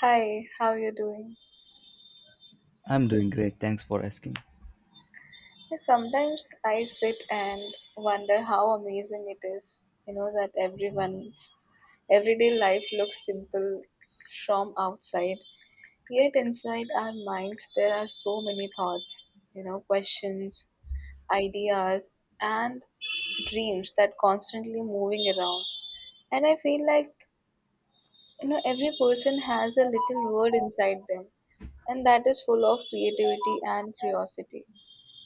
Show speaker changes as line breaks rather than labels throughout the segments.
Hi, how you doing?
I'm doing great. Thanks for asking.
Yeah. Sometimes I sit and wonder how amazing it is, you know, that everyone's everyday life looks simple from outside, yet inside our minds there are so many thoughts, questions, ideas, and dreams that constantly moving around. And I feel like, every person has a little word inside them, and that is full of creativity and curiosity.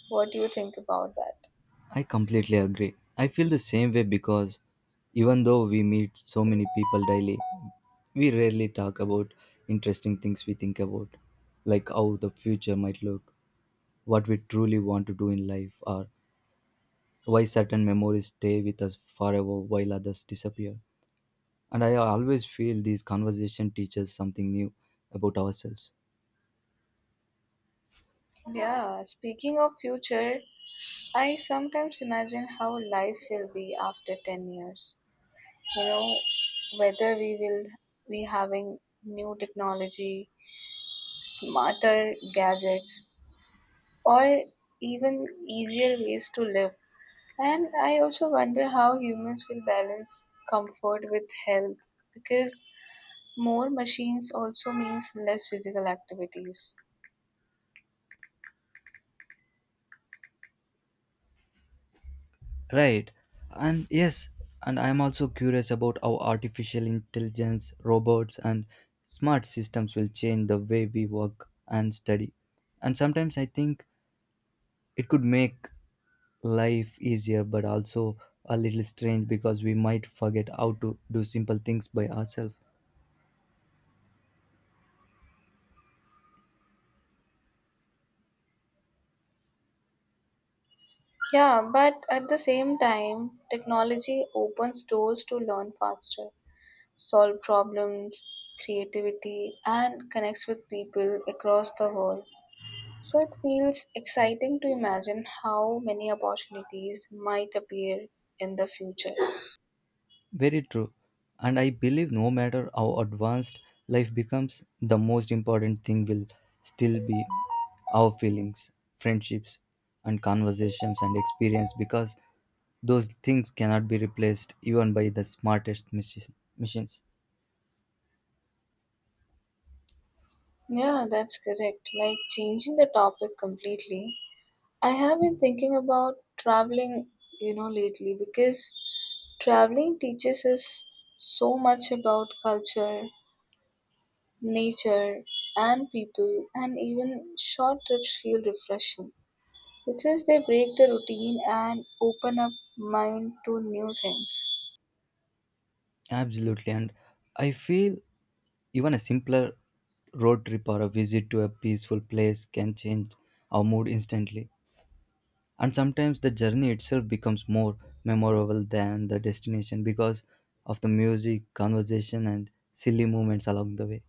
What do you think about that?
I completely agree. I feel the same way because even though we meet so many people daily, we rarely talk about interesting things we think about, like how the future might look, what we truly want to do in life, or why certain memories stay with us forever while others disappear. And I always feel these conversations teach us something new about ourselves.
Yeah, speaking of future, I sometimes imagine how life will be after 10 years. You know, whether we will be having new technology, smarter gadgets, or even easier ways to live. And I also wonder how humans will balance comfort with health because more machines also means less physical activities.
Right. And yes, and I'm also curious about how artificial intelligence, robots, and smart systems will change the way we work and study. And sometimes I think it could make life easier, but also a little strange because we might forget how to do simple things by ourselves.
Yeah, but at the same time, technology opens doors to learn faster, solve problems, creativity, and connects with people across the world. So it feels exciting to imagine how many opportunities might appear in the future.
Very true. And I believe no matter how advanced life becomes, the most important thing will still be our feelings, friendships, and conversations and experience because those things cannot be replaced even by the smartest machines.
Yeah, that's correct. Like changing the topic completely. I have been thinking about traveling, lately because traveling teaches us so much about culture, nature and people, and even short trips feel refreshing because they break the routine and open up mind to new things.
Absolutely. And I feel even a simpler road trip or a visit to a peaceful place can change our mood instantly. And sometimes the journey itself becomes more memorable than the destination because of the music conversation and silly moments along the way.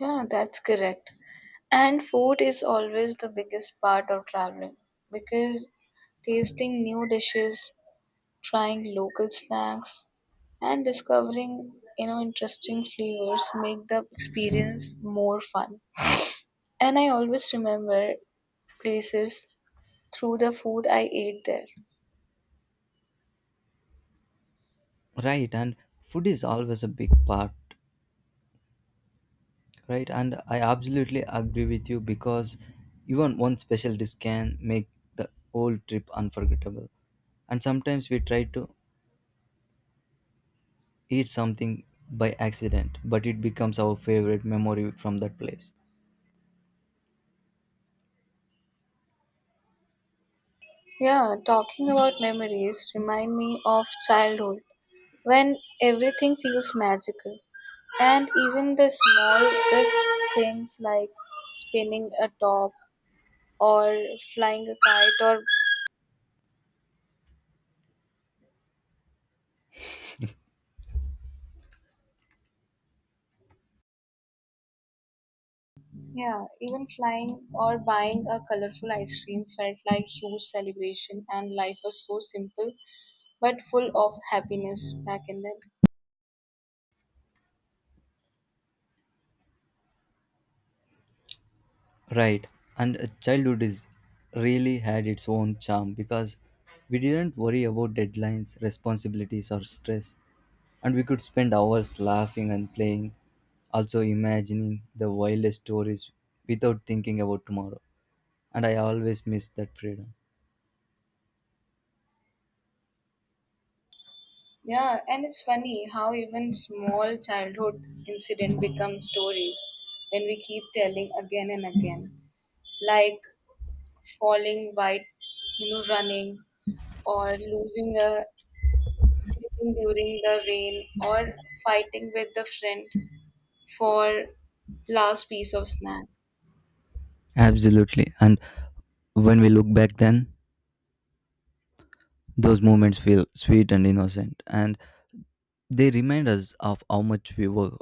Yeah, that's correct. And food is always the biggest part of traveling because tasting new dishes, trying local snacks, and discovering, interesting flavors make the experience more fun. And I always remember places through the food I ate there.
Right, and food is always a big part. Right, and I absolutely agree with you because even one special dish can make the whole trip unforgettable, and sometimes we try to eat something by accident but it becomes our favorite memory from that place.
Yeah, talking about memories remind me of childhood when everything feels magical, and even the smallest things like spinning a top, or flying a kite, or yeah, even flying or buying a colorful ice cream felt like huge celebration, and life was so simple but full of happiness back in then.
Right. And childhood is really had its own charm because we didn't worry about deadlines, responsibilities, or stress, and we could spend hours laughing and playing, also imagining the wildest stories without thinking about tomorrow. And I always miss that freedom.
Yeah, and it's funny how even small childhood incident become stories when we keep telling again and again, like falling while running, or losing a sleeping during the rain, or fighting with the friend for last piece of snack.
Absolutely. And when we look back then, those moments feel sweet and innocent, and they remind us of how much we were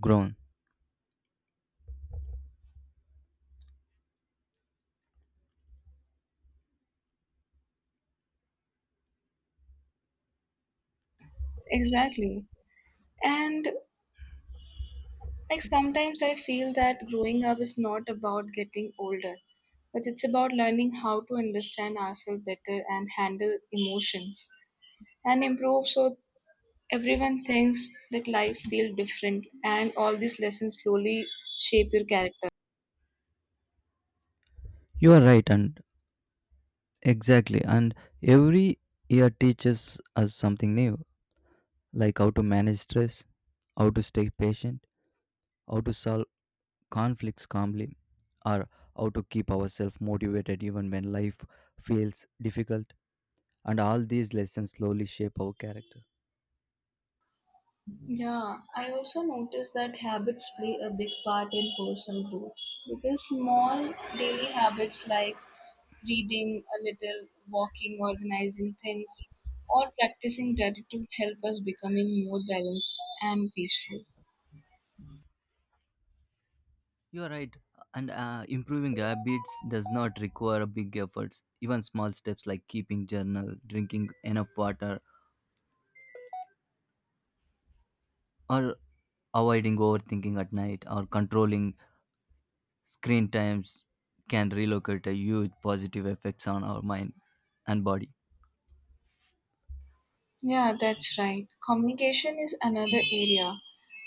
grown.
Exactly, and like sometimes I feel that growing up is not about getting older, but it's about learning how to understand ourselves better and handle emotions and improve, so everyone thinks that life feels different and all these lessons slowly shape your character.
You are right, and exactly. And every year teaches us something new, like how to manage stress, how to stay patient, how to solve conflicts calmly, or how to keep ourselves motivated even when life feels difficult. And all these lessons slowly shape our character.
Yeah, I also noticed that habits play a big part in personal growth because small daily habits like reading a little, walking, organizing things, or practicing gratitude help us becoming more balanced and peaceful.
You are right. And improving habits does not require big efforts. Even small steps like keeping journal, drinking enough water, or avoiding overthinking at night, or controlling screen times can relocate a huge positive effects on our mind and body.
Yeah, that's right. Communication is another area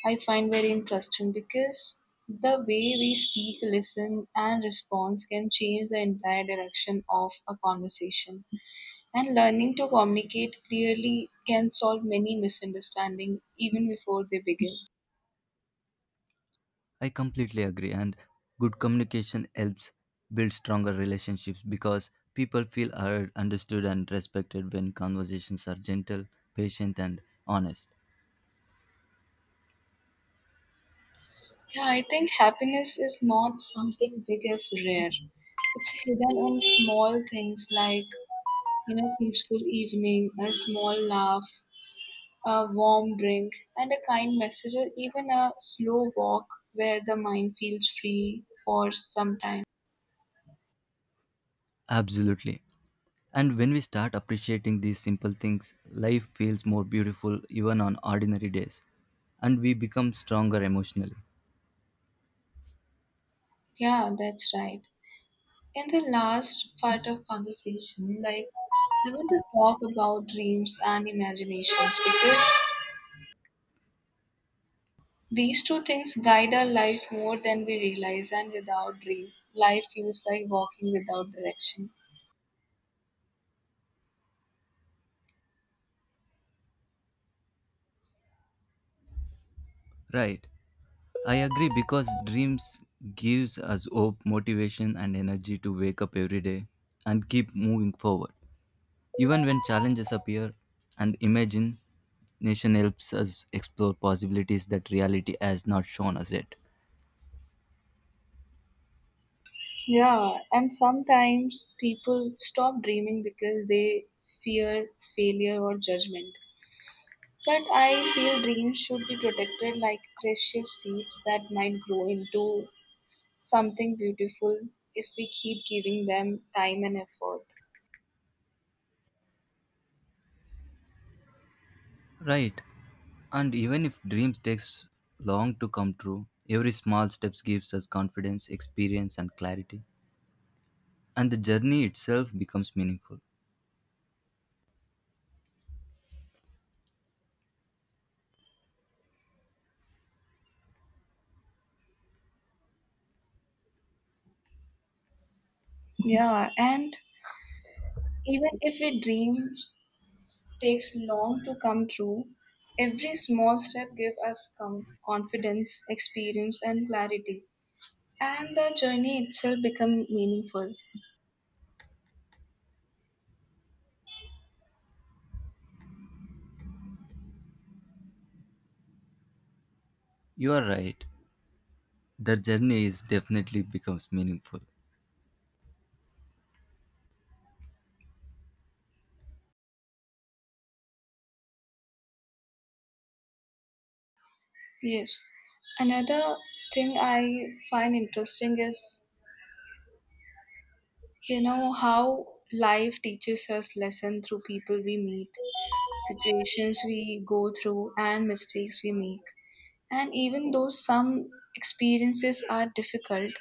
I find very interesting because the way we speak, listen, and respond can change the entire direction of a conversation. And learning to communicate clearly can solve many misunderstandings even before they begin.
I completely agree, and good communication helps build stronger relationships because people feel heard, understood and respected when conversations are gentle, patient and honest.
Yeah, I think happiness is not something big as rare. It's hidden in small things like, peaceful evening, a small laugh, a warm drink, and a kind message, or even a slow walk where the mind feels free for some time.
Absolutely. And when we start appreciating these simple things, life feels more beautiful even on ordinary days and we become stronger emotionally.
Yeah, that's right. In the last part of conversation, like I want to talk about dreams and imaginations because these two things guide our life more than we realize, and without dream, life feels like walking without direction.
Right. I agree because dreams gives us hope, motivation and energy to wake up every day and keep moving forward. Even when challenges appear and imagination helps us explore possibilities that reality has not shown us yet.
Yeah, and sometimes people stop dreaming because they fear failure or judgment. But I feel dreams should be protected like precious seeds that might grow into something beautiful if we keep giving them time and effort.
Right. And even if dreams takes long to come true, every small steps gives us confidence, experience and clarity. And the journey itself becomes meaningful.
Yeah, and even if we dream takes long to come true, every small step gives us confidence, experience, and clarity. And the journey itself becomes meaningful.
You are right. That journey is definitely becomes meaningful.
Yes. Another thing I find interesting is, how life teaches us lesson through people we meet, situations we go through, and mistakes we make. And even though some experiences are difficult,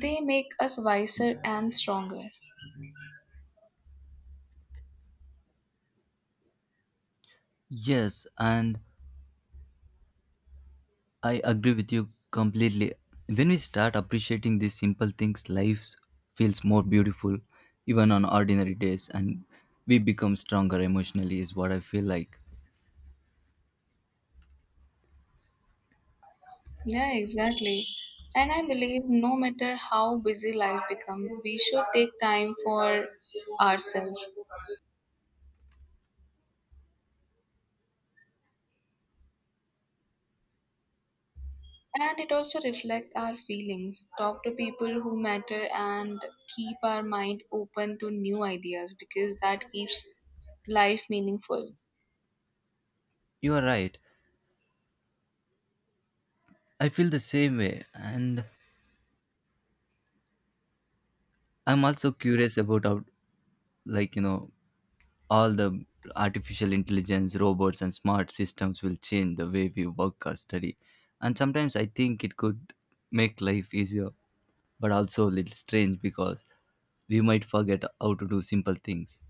they make us wiser and stronger.
Yes, and I agree with you completely. When we start appreciating these simple things, life feels more beautiful, even on ordinary days, and we become stronger emotionally, is what I feel like.
Yeah, exactly. And I believe no matter how busy life becomes, we should take time for ourselves. And it also reflects our feelings, talk to people who matter, and keep our mind open to new ideas because that keeps life meaningful.
You are right. I feel the same way, and I'm also curious about how, like, you know, all the artificial intelligence robots and smart systems will change the way we work or study. And sometimes I think it could make life easier, but also a little strange because we might forget how to do simple things.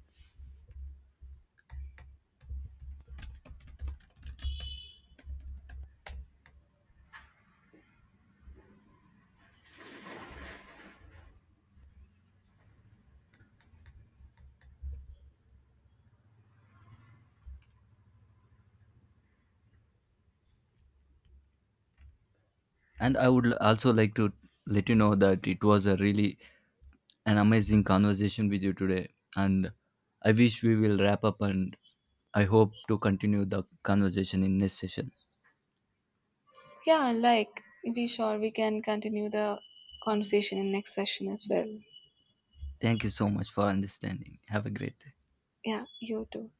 And I would also like to let you know that it was a really an amazing conversation with you today, and I wish we will wrap up, and I hope to continue the conversation in next session.
Yeah, like we sure we can continue the conversation in next session as well.
Thank you so much for understanding. Have a great day.
Yeah, you too.